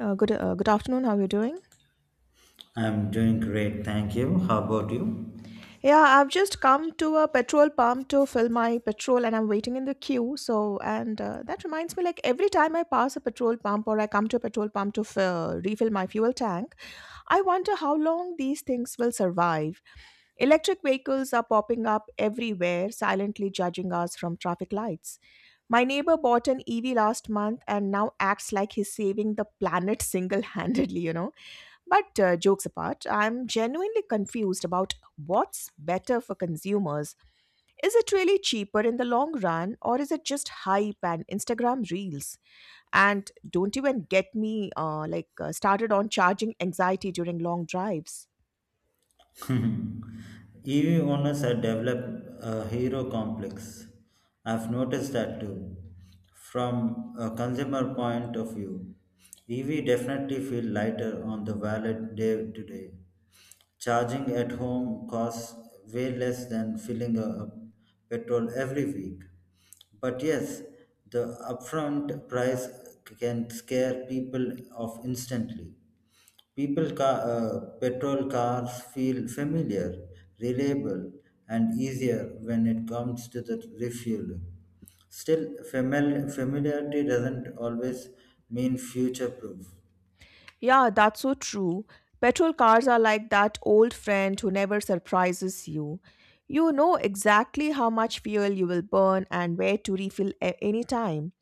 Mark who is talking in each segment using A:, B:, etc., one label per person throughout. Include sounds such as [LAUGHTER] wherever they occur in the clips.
A: Good afternoon. How are you doing?
B: I'm doing great, thank you. How about you?
A: Yeah, I've just come to a petrol pump to fill my petrol, and I'm waiting in the queue. So, and that reminds me, like every time I pass a petrol pump or I come to a petrol pump to refill my fuel tank, I wonder how long these things will survive. Electric vehicles are popping up everywhere, silently judging us from traffic lights. My neighbor bought an EV last month and now acts like he's saving the planet single handedly, But jokes apart, I'm genuinely confused about what's better for consumers. Is it really cheaper in the long run, or is it just hype and Instagram reels? And don't even get me started on charging anxiety during long drives.
B: [LAUGHS] EV owners have developed a hero complex. I've noticed that too. From a consumer point of view, EV definitely feel lighter on the wallet day to day. Charging at home costs way less than filling a petrol every week. But yes, the upfront price can scare people off instantly. Petrol cars feel familiar, reliable, and easier when it comes to the refueling. Still, familiarity doesn't always mean future proof.
A: Yeah, that's so true. Petrol cars are like that old friend who never surprises you. You know exactly how much fuel you will burn and where to refill anytime.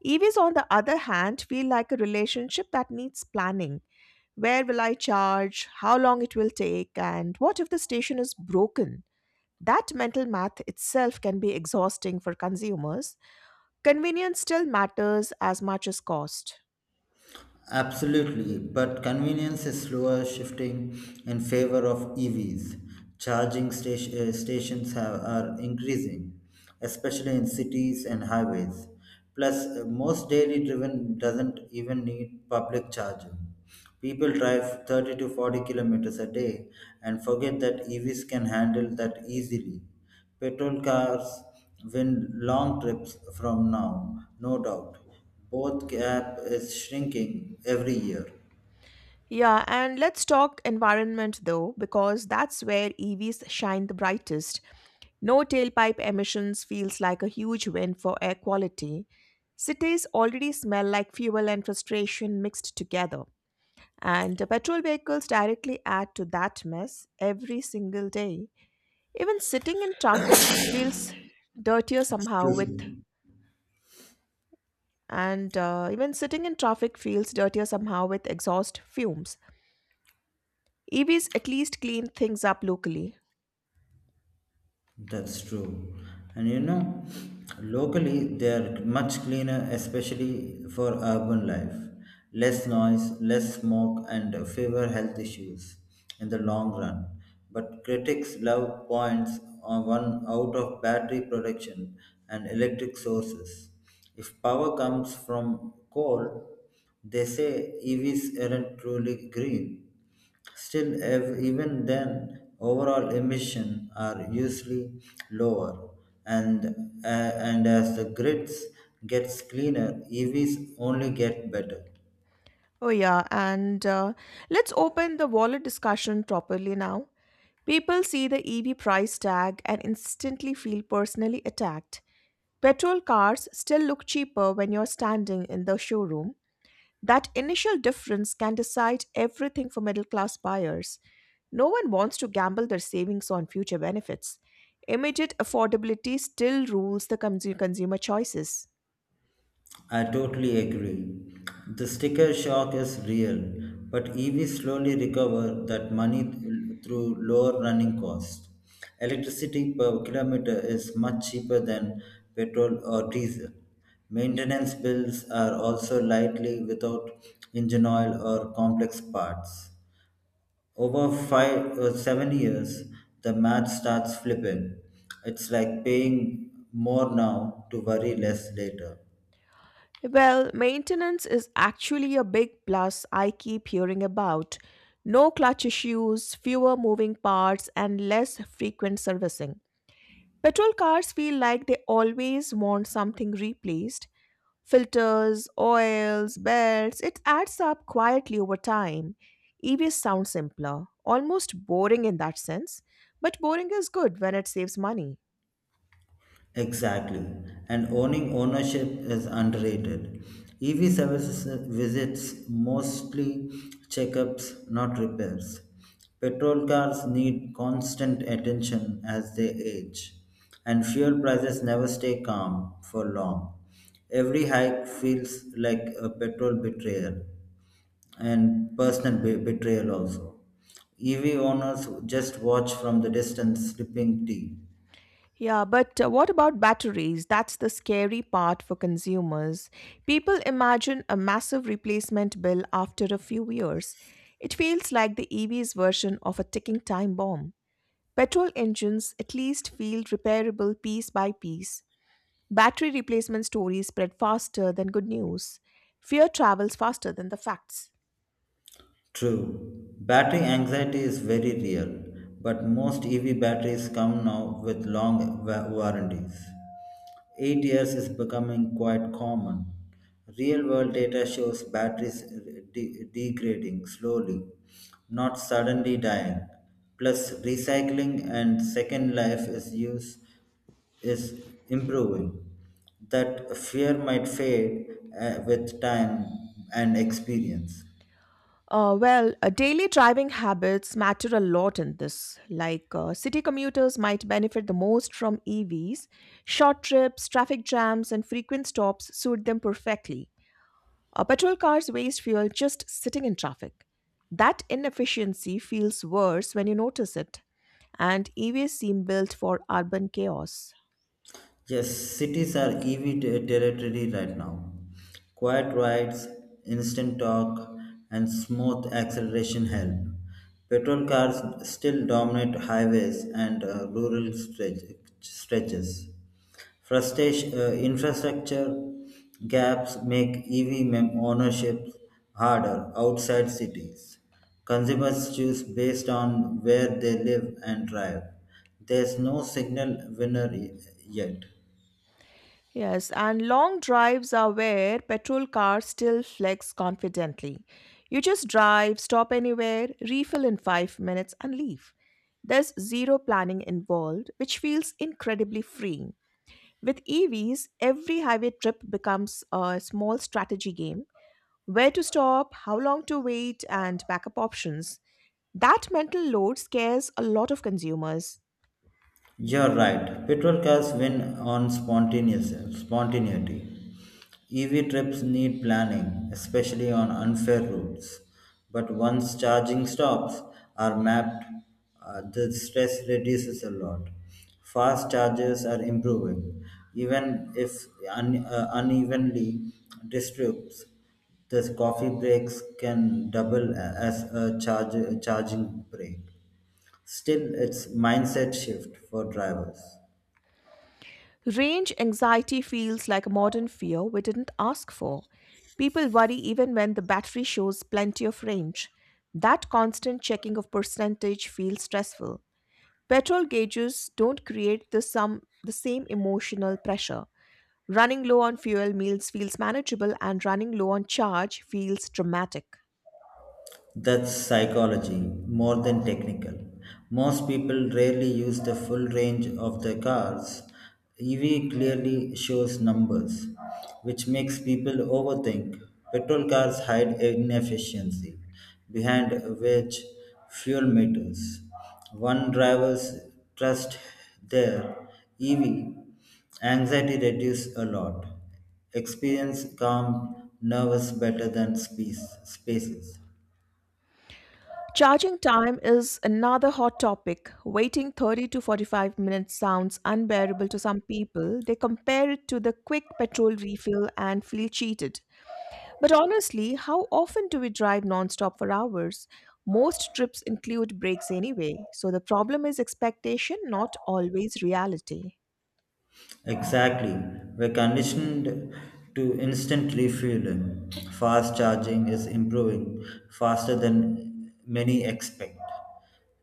A: EVs, on the other hand, feel like a relationship that needs planning. Where will I charge? How long it will take? And what if the station is broken? That mental math itself can be exhausting for consumers. Convenience still matters as much as cost.
B: Absolutely, but convenience is slower shifting in favor of EVs. Stations have, are increasing, especially in cities and highways. Plus, most daily driven doesn't even need public charging. People drive 30 to 40 kilometers a day and forget that EVs can handle that easily. Petrol cars win long trips from now, no doubt, both gap is shrinking every year.
A: Yeah, and let's talk environment though, because that's where EVs shine the brightest. No tailpipe emissions feels like a huge win for air quality. Cities already smell like fuel and frustration mixed together. And the petrol vehicles directly add to that mess every single day. Even sitting in traffic feels dirtier somehow
B: Excuse
A: with
B: me.
A: and Even sitting in traffic feels dirtier somehow with exhaust fumes. EVs at least clean things up locally.
B: That's true. And you know, locally they are much cleaner, especially for urban life. Less noise, less smoke, and fewer health issues in the long run. But critics love points on one out of battery production and electric sources. If power comes from coal, they say EVs aren't truly green. Still, even then, overall emissions are usually lower, and uh, and as the grids gets cleaner, EVs only get better.
A: Oh yeah, and let's open the wallet discussion properly now. People see the EV price tag and instantly feel personally attacked. Petrol cars still look cheaper when you're standing in the showroom. That initial difference can decide everything for middle class buyers. No one wants to gamble their savings on future benefits. Immediate affordability still rules the consumer choices.
B: I totally agree. The sticker shock is real, but EVs slowly recover that money through lower running costs. Electricity per kilometer is much cheaper than petrol or diesel. Maintenance bills are also lightly without engine oil or complex parts. Over five or seven years, the math starts flipping. It's like paying more now to worry less later.
A: Well, maintenance is actually a big plus I keep hearing about. No clutch issues, fewer moving parts, and less frequent servicing. Petrol cars feel like they always want something replaced. Filters, oils, belts, it adds up quietly over time. EVs sound simpler, almost boring in that sense, but boring is good when it saves money.
B: Exactly. And owning ownership is underrated. EV services visits mostly checkups, not repairs. Petrol cars need constant attention as they age, and fuel prices never stay calm for long. Every hike feels like a petrol betrayal and personal betrayal also. EV owners just watch from the distance sipping tea.
A: Yeah, but what about batteries? That's the scary part for consumers. People imagine a massive replacement bill after a few years. It feels like the EV's version of a ticking time bomb. Petrol engines at least feel repairable piece by piece. Battery replacement stories spread faster than good news. Fear travels faster than the facts.
B: True, battery anxiety is very real, but most EV batteries come now with long warranties. 8 years is becoming quite common. Real world data shows batteries degrading slowly, not suddenly dying. Plus, recycling and second life is improving. That fear might fade with time and experience.
A: Well, daily driving habits matter a lot in this. City commuters might benefit the most from EVs. Short trips, traffic jams, and frequent stops suit them perfectly. Petrol cars waste fuel just sitting in traffic. That inefficiency feels worse when you notice it, and EVs seem built for urban chaos.
B: Yes, cities are EV territory right now. Quiet rides, instant talk, and smooth acceleration help. Petrol cars still dominate highways and rural stretches. Infrastructure gaps make EV ownership harder outside cities. Consumers choose based on where they live and drive. There's no signal winner yet.
A: Yes, and long drives are where petrol cars still flex confidently. You just drive, stop anywhere, refill in 5 minutes, and leave. There's zero planning involved, which feels incredibly freeing. With EVs, every highway trip becomes a small strategy game: where to stop, how long to wait, and backup options. That mental load scares a lot of consumers.
B: You're right. Petrol cars win on spontaneous spontaneity. EV trips need planning, especially on unfair routes. But once charging stops are mapped, the stress reduces a lot. Fast chargers are improving, even if unevenly distributes. The coffee breaks can double as a charging break. Still, it's mindset shift for drivers.
A: Range anxiety feels like a modern fear we didn't ask for. People worry even when the battery shows plenty of range. That constant checking of percentage feels stressful. Petrol gauges don't create the same emotional pressure. Running low on fuel meals feels manageable, and running low on charge feels dramatic.
B: That's psychology, more than technical. Most people rarely use the full range of the cars. EV clearly shows numbers, which makes people overthink. Petrol cars hide inefficiency behind which fuel meters. One driver's trust their EV anxiety reduces a lot. Experience calm nervous better than spaces.
A: Charging time is another hot topic. Waiting 30 to 45 minutes sounds unbearable to some people. They compare it to the quick petrol refill and feel cheated. But honestly, how often do we drive nonstop for hours? Most trips include breaks anyway, so the problem is expectation, not always reality.
B: Exactly. We're conditioned to instant refueling. Fast charging is improving faster than many expect.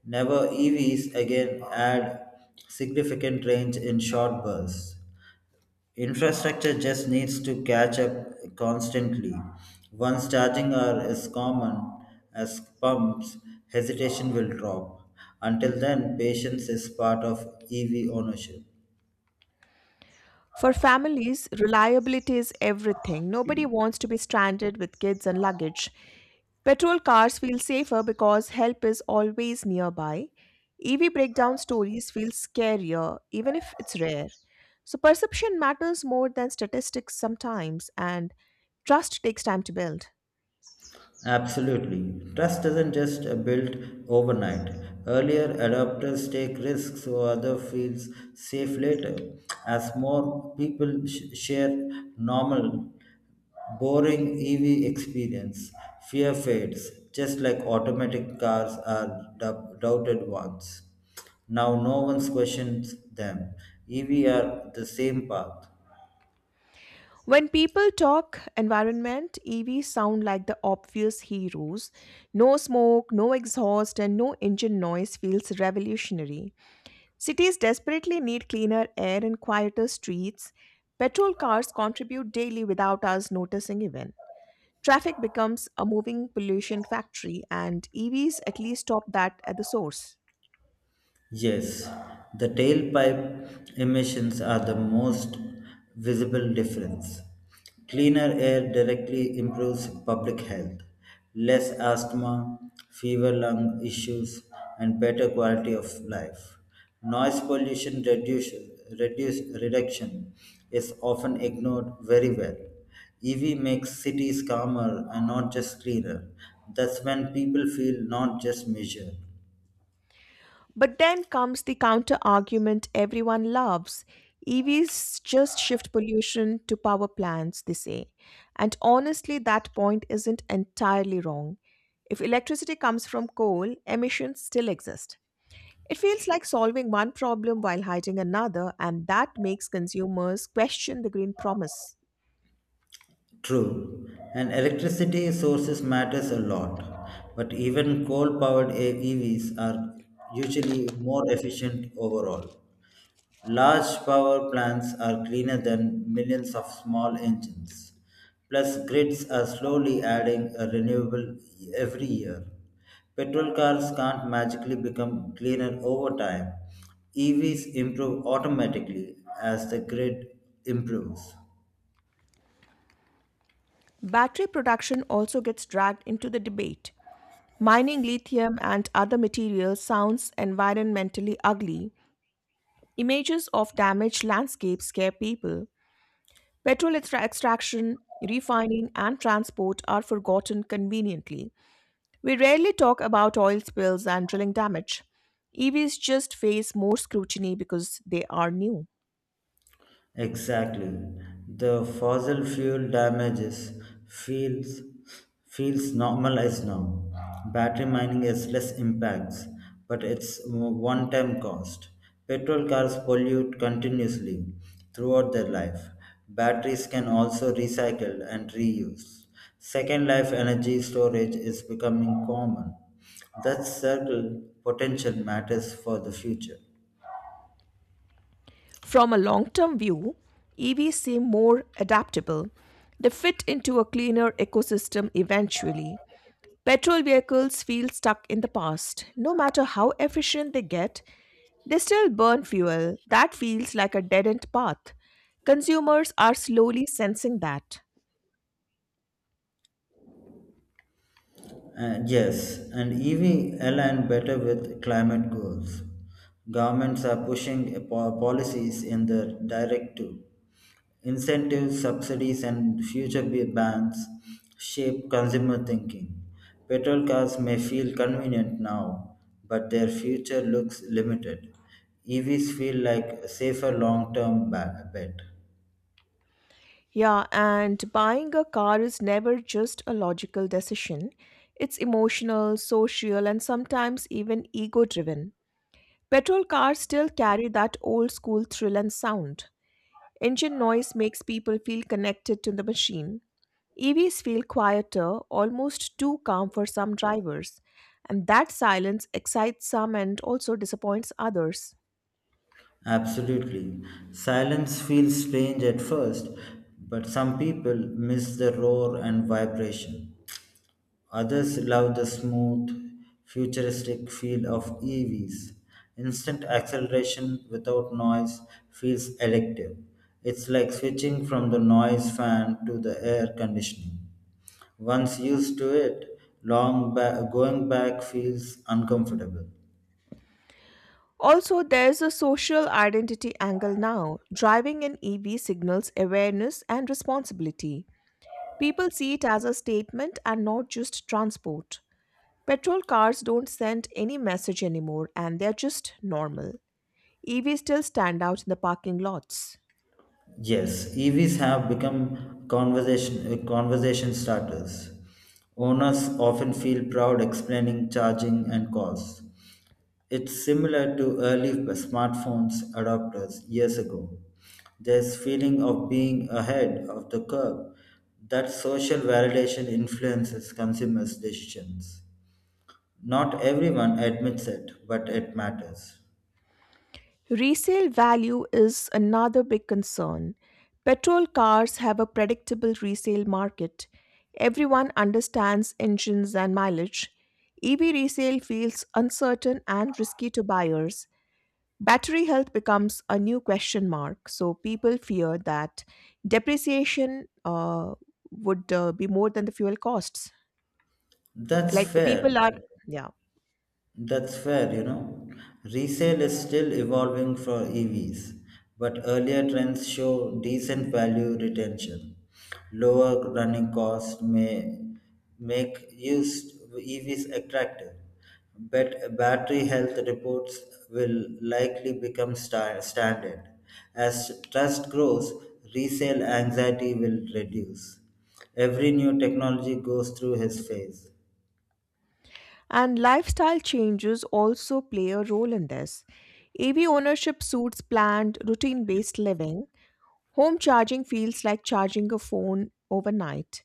B: Never EVs again add significant range in short bursts. Infrastructure just needs to catch up constantly. Once charging are as common as pumps, hesitation will drop. Until then, patience is part of EV ownership.
A: For families, reliability is everything. Nobody wants to be stranded with kids and luggage. Petrol cars feel safer because help is always nearby. EV breakdown stories feel scarier, even if it's rare. So, perception matters more than statistics sometimes, and trust takes time to build.
B: Absolutely. Trust doesn't just build overnight. Earlier adopters take risks so other feels safe later. As more people share normal, boring EV experience, fear fades, just like automatic cars are doubted ones. Now no one questions them. EV are the same path.
A: When people talk environment, EVs sound like the obvious heroes. No smoke, no exhaust, and no engine noise feels revolutionary. Cities desperately need cleaner air and quieter streets. Petrol cars contribute daily without us noticing even. Traffic becomes a moving pollution factory, and EVs at least stop that at the source.
B: Yes, the tailpipe emissions are the most visible difference. Cleaner air directly improves public health, less asthma, fever lung issues, and better quality of life. Noise pollution reduction is often ignored very well. EV makes cities calmer and not just cleaner. That's when people feel not just measured.
A: But then comes the counter argument everyone loves. EVs just shift pollution to power plants, they say. And honestly, that point isn't entirely wrong. If electricity comes from coal, emissions still exist. It feels like solving one problem while hiding another, and that makes consumers question the green promise.
B: True, and electricity sources matters a lot, but even coal-powered EVs are usually more efficient overall. Large power plants are cleaner than millions of small engines. Plus, grids are slowly adding a renewable every year. Petrol cars can't magically become cleaner over time. EVs improve automatically as the grid improves.
A: Battery production also gets dragged into the debate. Mining lithium and other materials sounds environmentally ugly. Images of damaged landscapes scare people. Petrol extraction, refining, and transport are forgotten conveniently. We rarely talk about oil spills and drilling damage. EVs just face more scrutiny because they are new.
B: Exactly. The fossil fuel damages feels feels normalized now. Battery mining has less impacts, but it's one-time cost. Petrol cars pollute continuously throughout their life. Batteries can also recycle and reuse. Second life energy storage is becoming common. That circle potential matters for the future.
A: From a long term view, EVs seem more adaptable. They fit into a cleaner ecosystem eventually. Petrol vehicles feel stuck in the past. No matter how efficient they get, they still burn fuel. That feels like a dead end path. Consumers are slowly sensing that.
B: Yes, and EV align better with climate goals. Governments are pushing a policies in the directive. Incentives, subsidies, and future bans shape consumer thinking. Petrol cars may feel convenient now, but their future looks limited. EVs feel like a safer long term bet.
A: Yeah, and buying a car is never just a logical decision. It's emotional, social, and sometimes even ego driven. Petrol cars still carry that old school thrill and sound. Engine noise makes people feel connected to the machine. EVs feel quieter, almost too calm for some drivers, and that silence excites some and also disappoints others.
B: Absolutely. Silence feels strange at first, but some people miss the roar and vibration. Others love the smooth, futuristic feel of EVs. Instant acceleration without noise feels elective. It's like switching from the noise fan to the air conditioning. Once used to it, long going back feels uncomfortable.
A: Also, there's a social identity angle now. Driving an EV signals awareness and responsibility. People see it as a statement and not just transport. Petrol cars don't send any message anymore and they're just normal. EVs still stand out in the parking lots.
B: Yes, EVs have become conversation starters. Owners often feel proud explaining charging and costs. It's similar to early smartphones adopters years ago. There's feeling of being ahead of the curve. That social validation influences consumers' decisions. Not everyone admits it, but it matters.
A: Resale value is another big concern. Petrol cars have a predictable resale market. Everyone understands engines and mileage. EV resale feels uncertain and risky to buyers. Battery health becomes a new question mark, so people fear that depreciation would be more than the fuel costs.
B: That's
A: Like the
B: fair.
A: people are, yeah.
B: That's fair, you know. Resale is still evolving for EVs, but earlier trends show decent value retention. Lower running costs may make used EVs attractive, but battery health reports will likely become standard. As trust grows, resale anxiety will reduce. Every new technology goes through his phase.
A: And lifestyle changes also play a role in this. EV ownership suits planned, routine based living. Home charging feels like charging a phone overnight,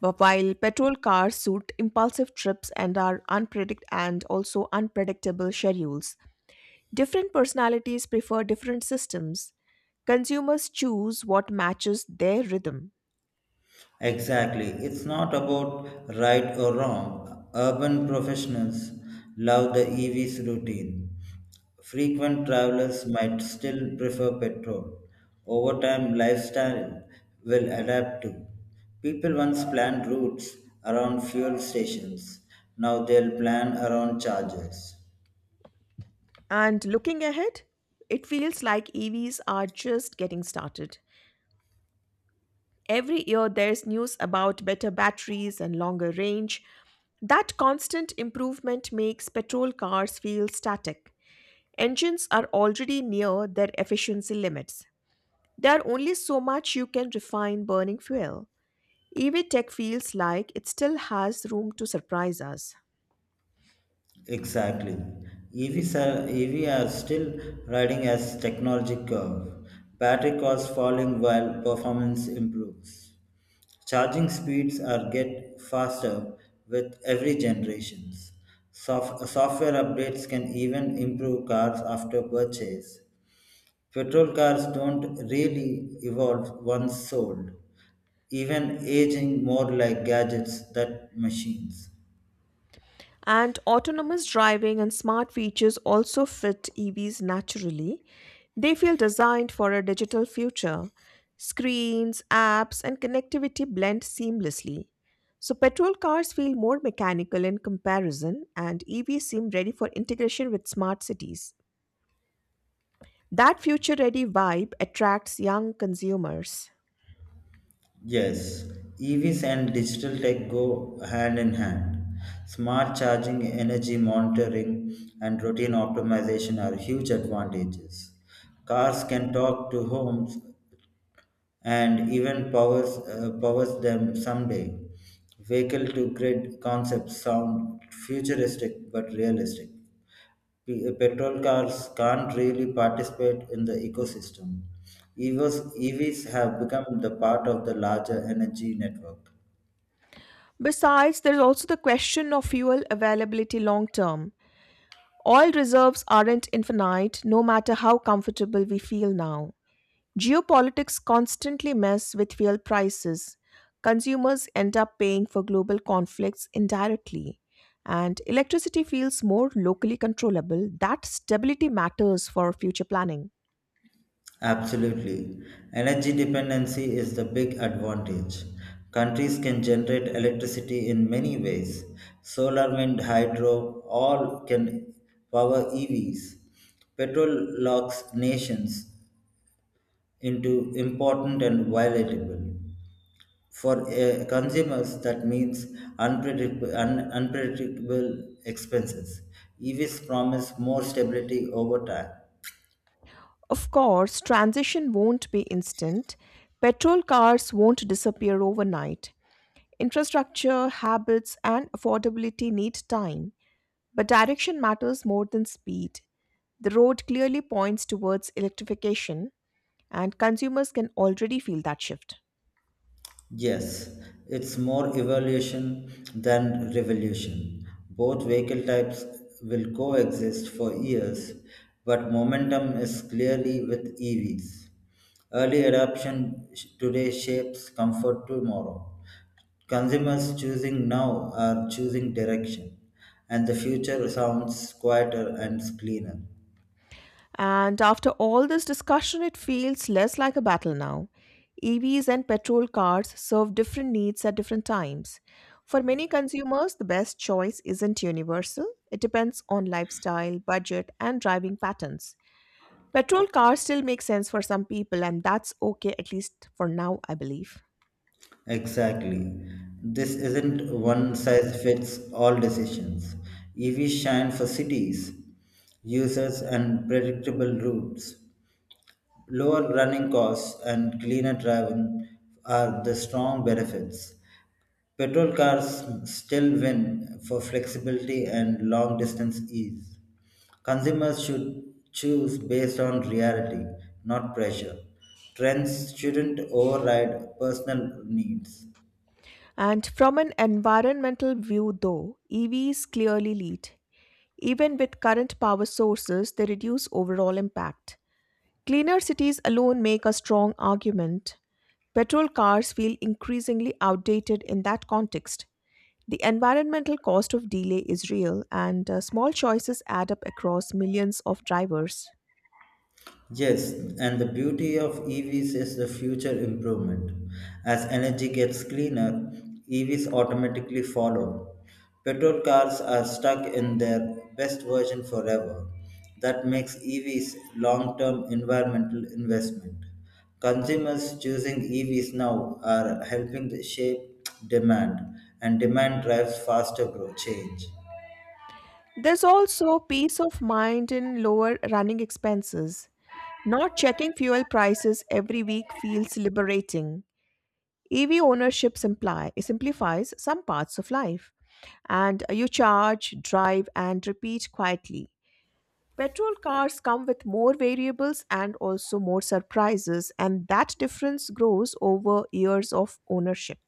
A: but while petrol cars suit impulsive trips and are unpredict and also unpredictable schedules. Different personalities prefer different systems. Consumers choose what matches their rhythm.
B: Exactly. It's not about right or wrong. Urban professionals love the EV's routine. Frequent travelers might still prefer petrol. Over time, lifestyle will adapt too. People once planned routes around fuel stations. Now they'll plan around charges.
A: And looking ahead, it feels like EVs are just getting started. Every year, there's news about better batteries and longer range. That constant improvement makes petrol cars feel static. Engines are already near their efficiency limits. There are only so much you can refine burning fuel. EV tech feels like it still has room to surprise us.
B: Exactly. EV are still riding as technology curve. Battery costs falling while performance improves. Charging speeds are get faster with every generations. Software updates can even improve cars after purchase. Petrol cars don't really evolve once sold, even aging more like gadgets than machines.
A: And autonomous driving and smart features also fit EVs naturally. They feel designed for a digital future. Screens, apps, and connectivity blend seamlessly. So, petrol cars feel more mechanical in comparison, and EVs seem ready for integration with smart cities. That future ready vibe attracts young consumers.
B: Yes, EVs and digital tech go hand in hand. Smart charging, energy monitoring, and routine optimization are huge advantages. Cars can talk to homes and even powers them someday. Vehicle to grid concepts sound futuristic but realistic. Petrol cars can't really participate in the ecosystem. EVs have become the part of the larger energy network.
A: Besides, there's also the question of fuel availability long term. Oil reserves aren't infinite, no matter how comfortable we feel now. Geopolitics constantly mess with fuel prices. Consumers end up paying for global conflicts indirectly. And electricity feels more locally controllable. That stability matters for future planning.
B: Absolutely. Energy dependency is the big advantage. Countries can generate electricity in many ways. Solar, wind, hydro, all can power EVs. Petrol locks nations into important and violatable. For consumers, that means unpredictable expenses. EVs promise more stability over time.
A: Of course, transition won't be instant. Petrol cars won't disappear overnight. Infrastructure, habits, and affordability need time. But direction matters more than speed. The road clearly points towards electrification, and consumers can already feel that shift.
B: Yes, it's more evolution than revolution. Both vehicle types will coexist for years, but momentum is clearly with EVs. Early adoption today shapes comfort tomorrow. Consumers choosing now are choosing direction, and the future sounds quieter and cleaner.
A: And after all this discussion, it feels less like a battle now. EVs and petrol cars serve different needs at different times. For many consumers, the best choice isn't universal, it depends on lifestyle, budget, and driving patterns. Petrol cars still make sense for some people, and that's okay at least for now, I believe.
B: Exactly. This isn't one size fits all decisions. EVs shine for cities, users, and predictable routes. Lower running costs and cleaner driving are the strong benefits. Petrol cars still win for flexibility and long distance ease. Consumers should choose based on reality, not pressure. Trends shouldn't override personal needs.
A: And from an environmental view, though, EVs clearly lead. Even with current power sources, they reduce overall impact. Cleaner cities alone make a strong argument. Petrol cars feel increasingly outdated in that context. The environmental cost of delay is real, and small choices add up across millions of drivers.
B: Yes, and the beauty of EVs is the future improvement. As energy gets cleaner, EVs automatically follow. Petrol cars are stuck in their best version forever. That makes EVs long-term environmental investment. Consumers choosing EVs now are helping shape demand, and demand drives faster growth change.
A: There's also peace of mind in lower running expenses. Not checking fuel prices every week feels liberating. EV ownership simplifies some parts of life, and you charge, drive, and repeat quietly. Petrol cars come with more variables and also more surprises, and that difference grows over years of ownership.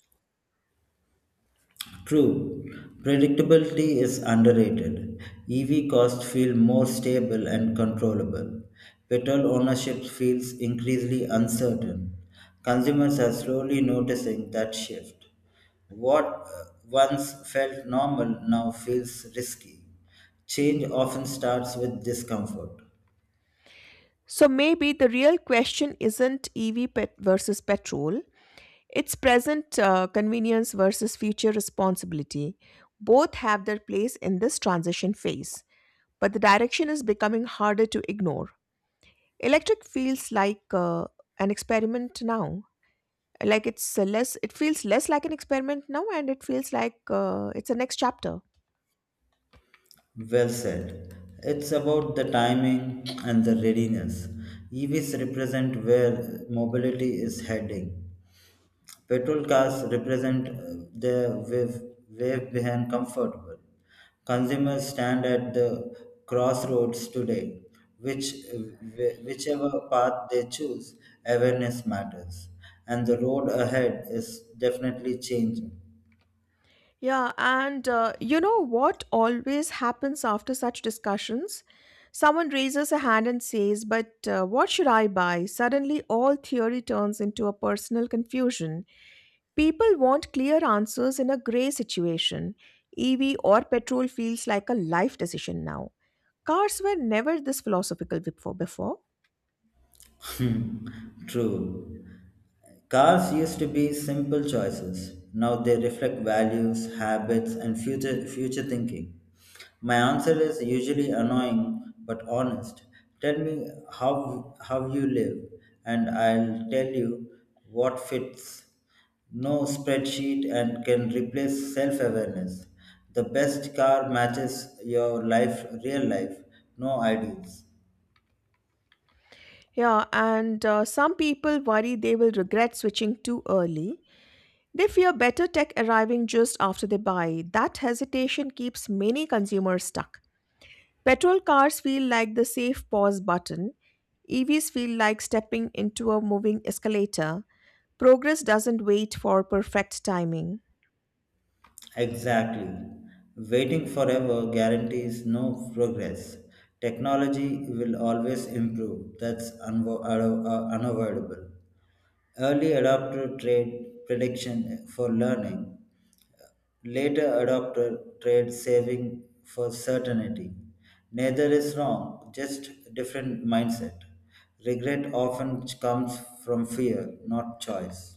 B: True, predictability is underrated. EV costs feel more stable and controllable. Petrol ownership feels increasingly uncertain. Consumers are slowly noticing that shift. What once felt normal now feels risky. Change often starts with discomfort.
A: So maybe the real question isn't EV pet versus petrol. It's present convenience versus future responsibility. Both have their place in this transition phase, but the direction is becoming harder to ignore. Electric feels like an experiment now. Like it feels less like an experiment now, and it feels like it's a next chapter.
B: Well said. It's about the timing and the readiness. EVs represent where mobility is heading. Petrol cars represent the wave, wave behind comfortable. Consumers stand at the crossroads today. Whichever path they choose, awareness matters. And the road ahead is definitely changing.
A: Yeah, and you know what always happens after such discussions? Someone raises a hand and says, but what should I buy? Suddenly, all theory turns into a personal confusion. People want clear answers in a grey situation. EV or petrol feels like a life decision now. Cars were never this philosophical before.
B: Hmm. True. Cars used to be simple choices. Now they reflect values, habits, and future thinking. My answer is usually annoying but honest. Tell me how you live, and I'll tell you what fits. No spreadsheet and can replace self awareness. The best car matches your real life, no ideals.
A: Yeah, and some people worry they will regret switching too early. They fear better tech arriving just after they buy. That hesitation keeps many consumers stuck. Petrol cars feel like the safe pause button. EVs feel like stepping into a moving escalator. Progress doesn't wait for perfect timing.
B: Exactly. Waiting forever guarantees no progress. Technology will always improve. That's unavoidable. Early adopter trade prediction for learning, later adopter trade saving for certainty. Neither is wrong, just different mindset. Regret often comes from fear, not choice.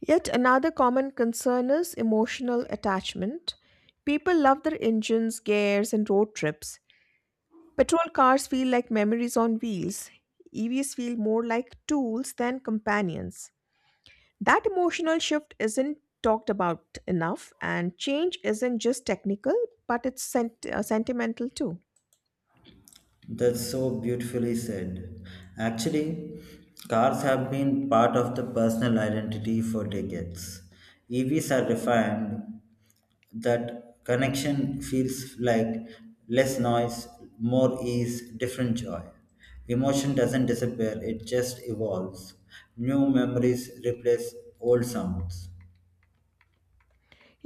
A: Yet another common concern is emotional attachment. People love their engines, gears, and road trips. Petrol cars feel like memories on wheels. EVs feel more like tools than companions. That emotional shift isn't talked about enough, and change isn't just technical, but it's sentimental too.
B: That's so beautifully said. Actually, cars have been part of the personal identity for decades. EVs are refined that connection feels like less noise, more ease, different joy. Emotion doesn't disappear, it just evolves. New memories replace old sounds.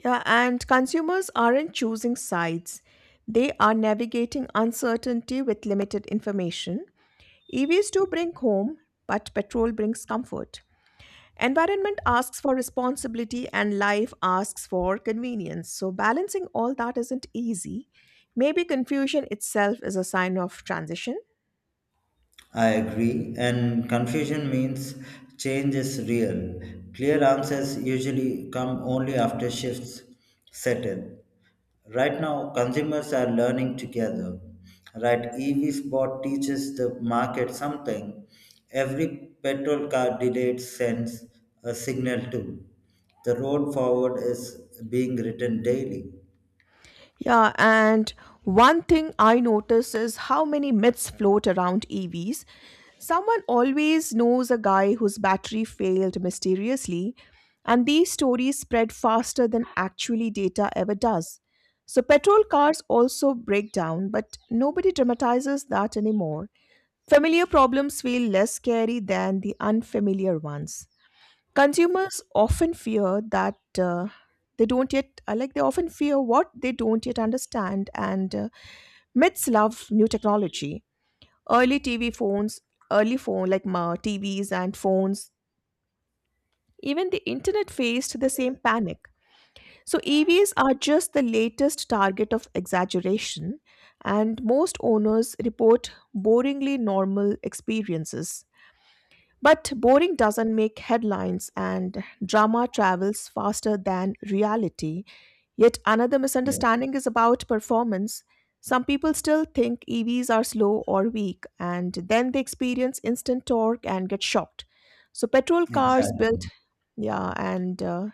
A: Yeah, and consumers aren't choosing sides. They are navigating uncertainty with limited information. EVs do bring home, but petrol brings comfort. Environment asks for responsibility and life asks for convenience. So, balancing all that isn't easy. Maybe confusion itself is a sign of transition.
B: I agree, and confusion means change is real. Clear answers usually come only after shifts settle. Right now, consumers are learning together. Right, EV spot teaches the market something. Every petrol car delayed sends a signal too. The road forward is being written daily.
A: Yeah, and one thing I notice is how many myths float around EVs. Someone always knows a guy whose battery failed mysteriously, and these stories spread faster than actually data ever does. So, petrol cars also break down, but nobody dramatizes that anymore. Familiar problems feel less scary than the unfamiliar ones. Consumers often fear that they don't yet, like, they often fear what they don't yet understand, and myths love new technology. Early TV phones, early phone like ma- TVs and phones, even the internet faced the same panic. So EVs are just the latest target of exaggeration, and most owners report boringly normal experiences. But boring doesn't make headlines, and drama travels faster than reality. Yet another
B: Yes,
A: misunderstanding is about performance. Some people still think EVs are slow or weak, and then they experience instant torque and get shocked. So, petrol cars built,
B: exactly.
A: yeah, and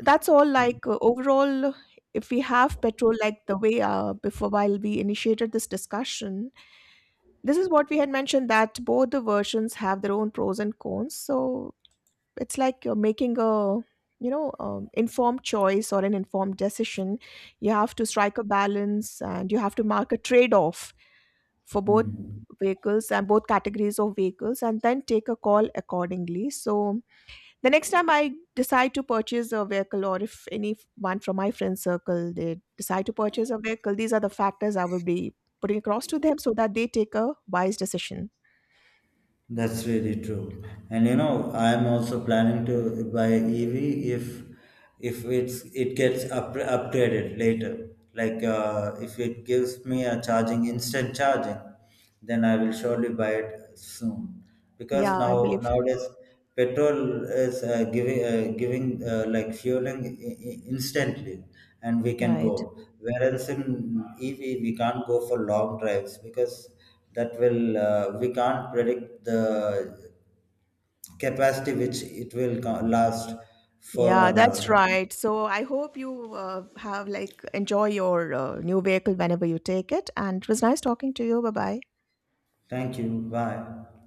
A: that's all. Overall, if we have petrol, like the way before while we initiated this discussion, this is what we had mentioned, that both the versions have their own pros and cons, so it's like you're making a informed choice or an informed decision. You have to strike a balance and you have to mark a trade-off for both
B: Hmm.
A: vehicles and both categories of vehicles, and then take a call accordingly. So the next time I decide to purchase a vehicle, or if any one from my friend circle, they decide to purchase a vehicle, these are the factors I will be putting across to them, so that they take a wise decision.
B: That's really true. And you know, I'm also planning to buy EV if if it gets upgraded later. Like if it gives me a charging instant charging, then I will surely buy it soon. Because
A: Yeah, I believe.
B: nowadays petrol is giving like fueling instantly and we can
A: Right.
B: go, whereas in EV we can't go for long drives, because that will, we can't predict the capacity which it will last for
A: Yeah,
B: an
A: that's
B: hour.
A: right. So I hope you have like enjoy your new vehicle whenever you take it. And it was nice talking to you. Bye bye.
B: Thank you. Bye.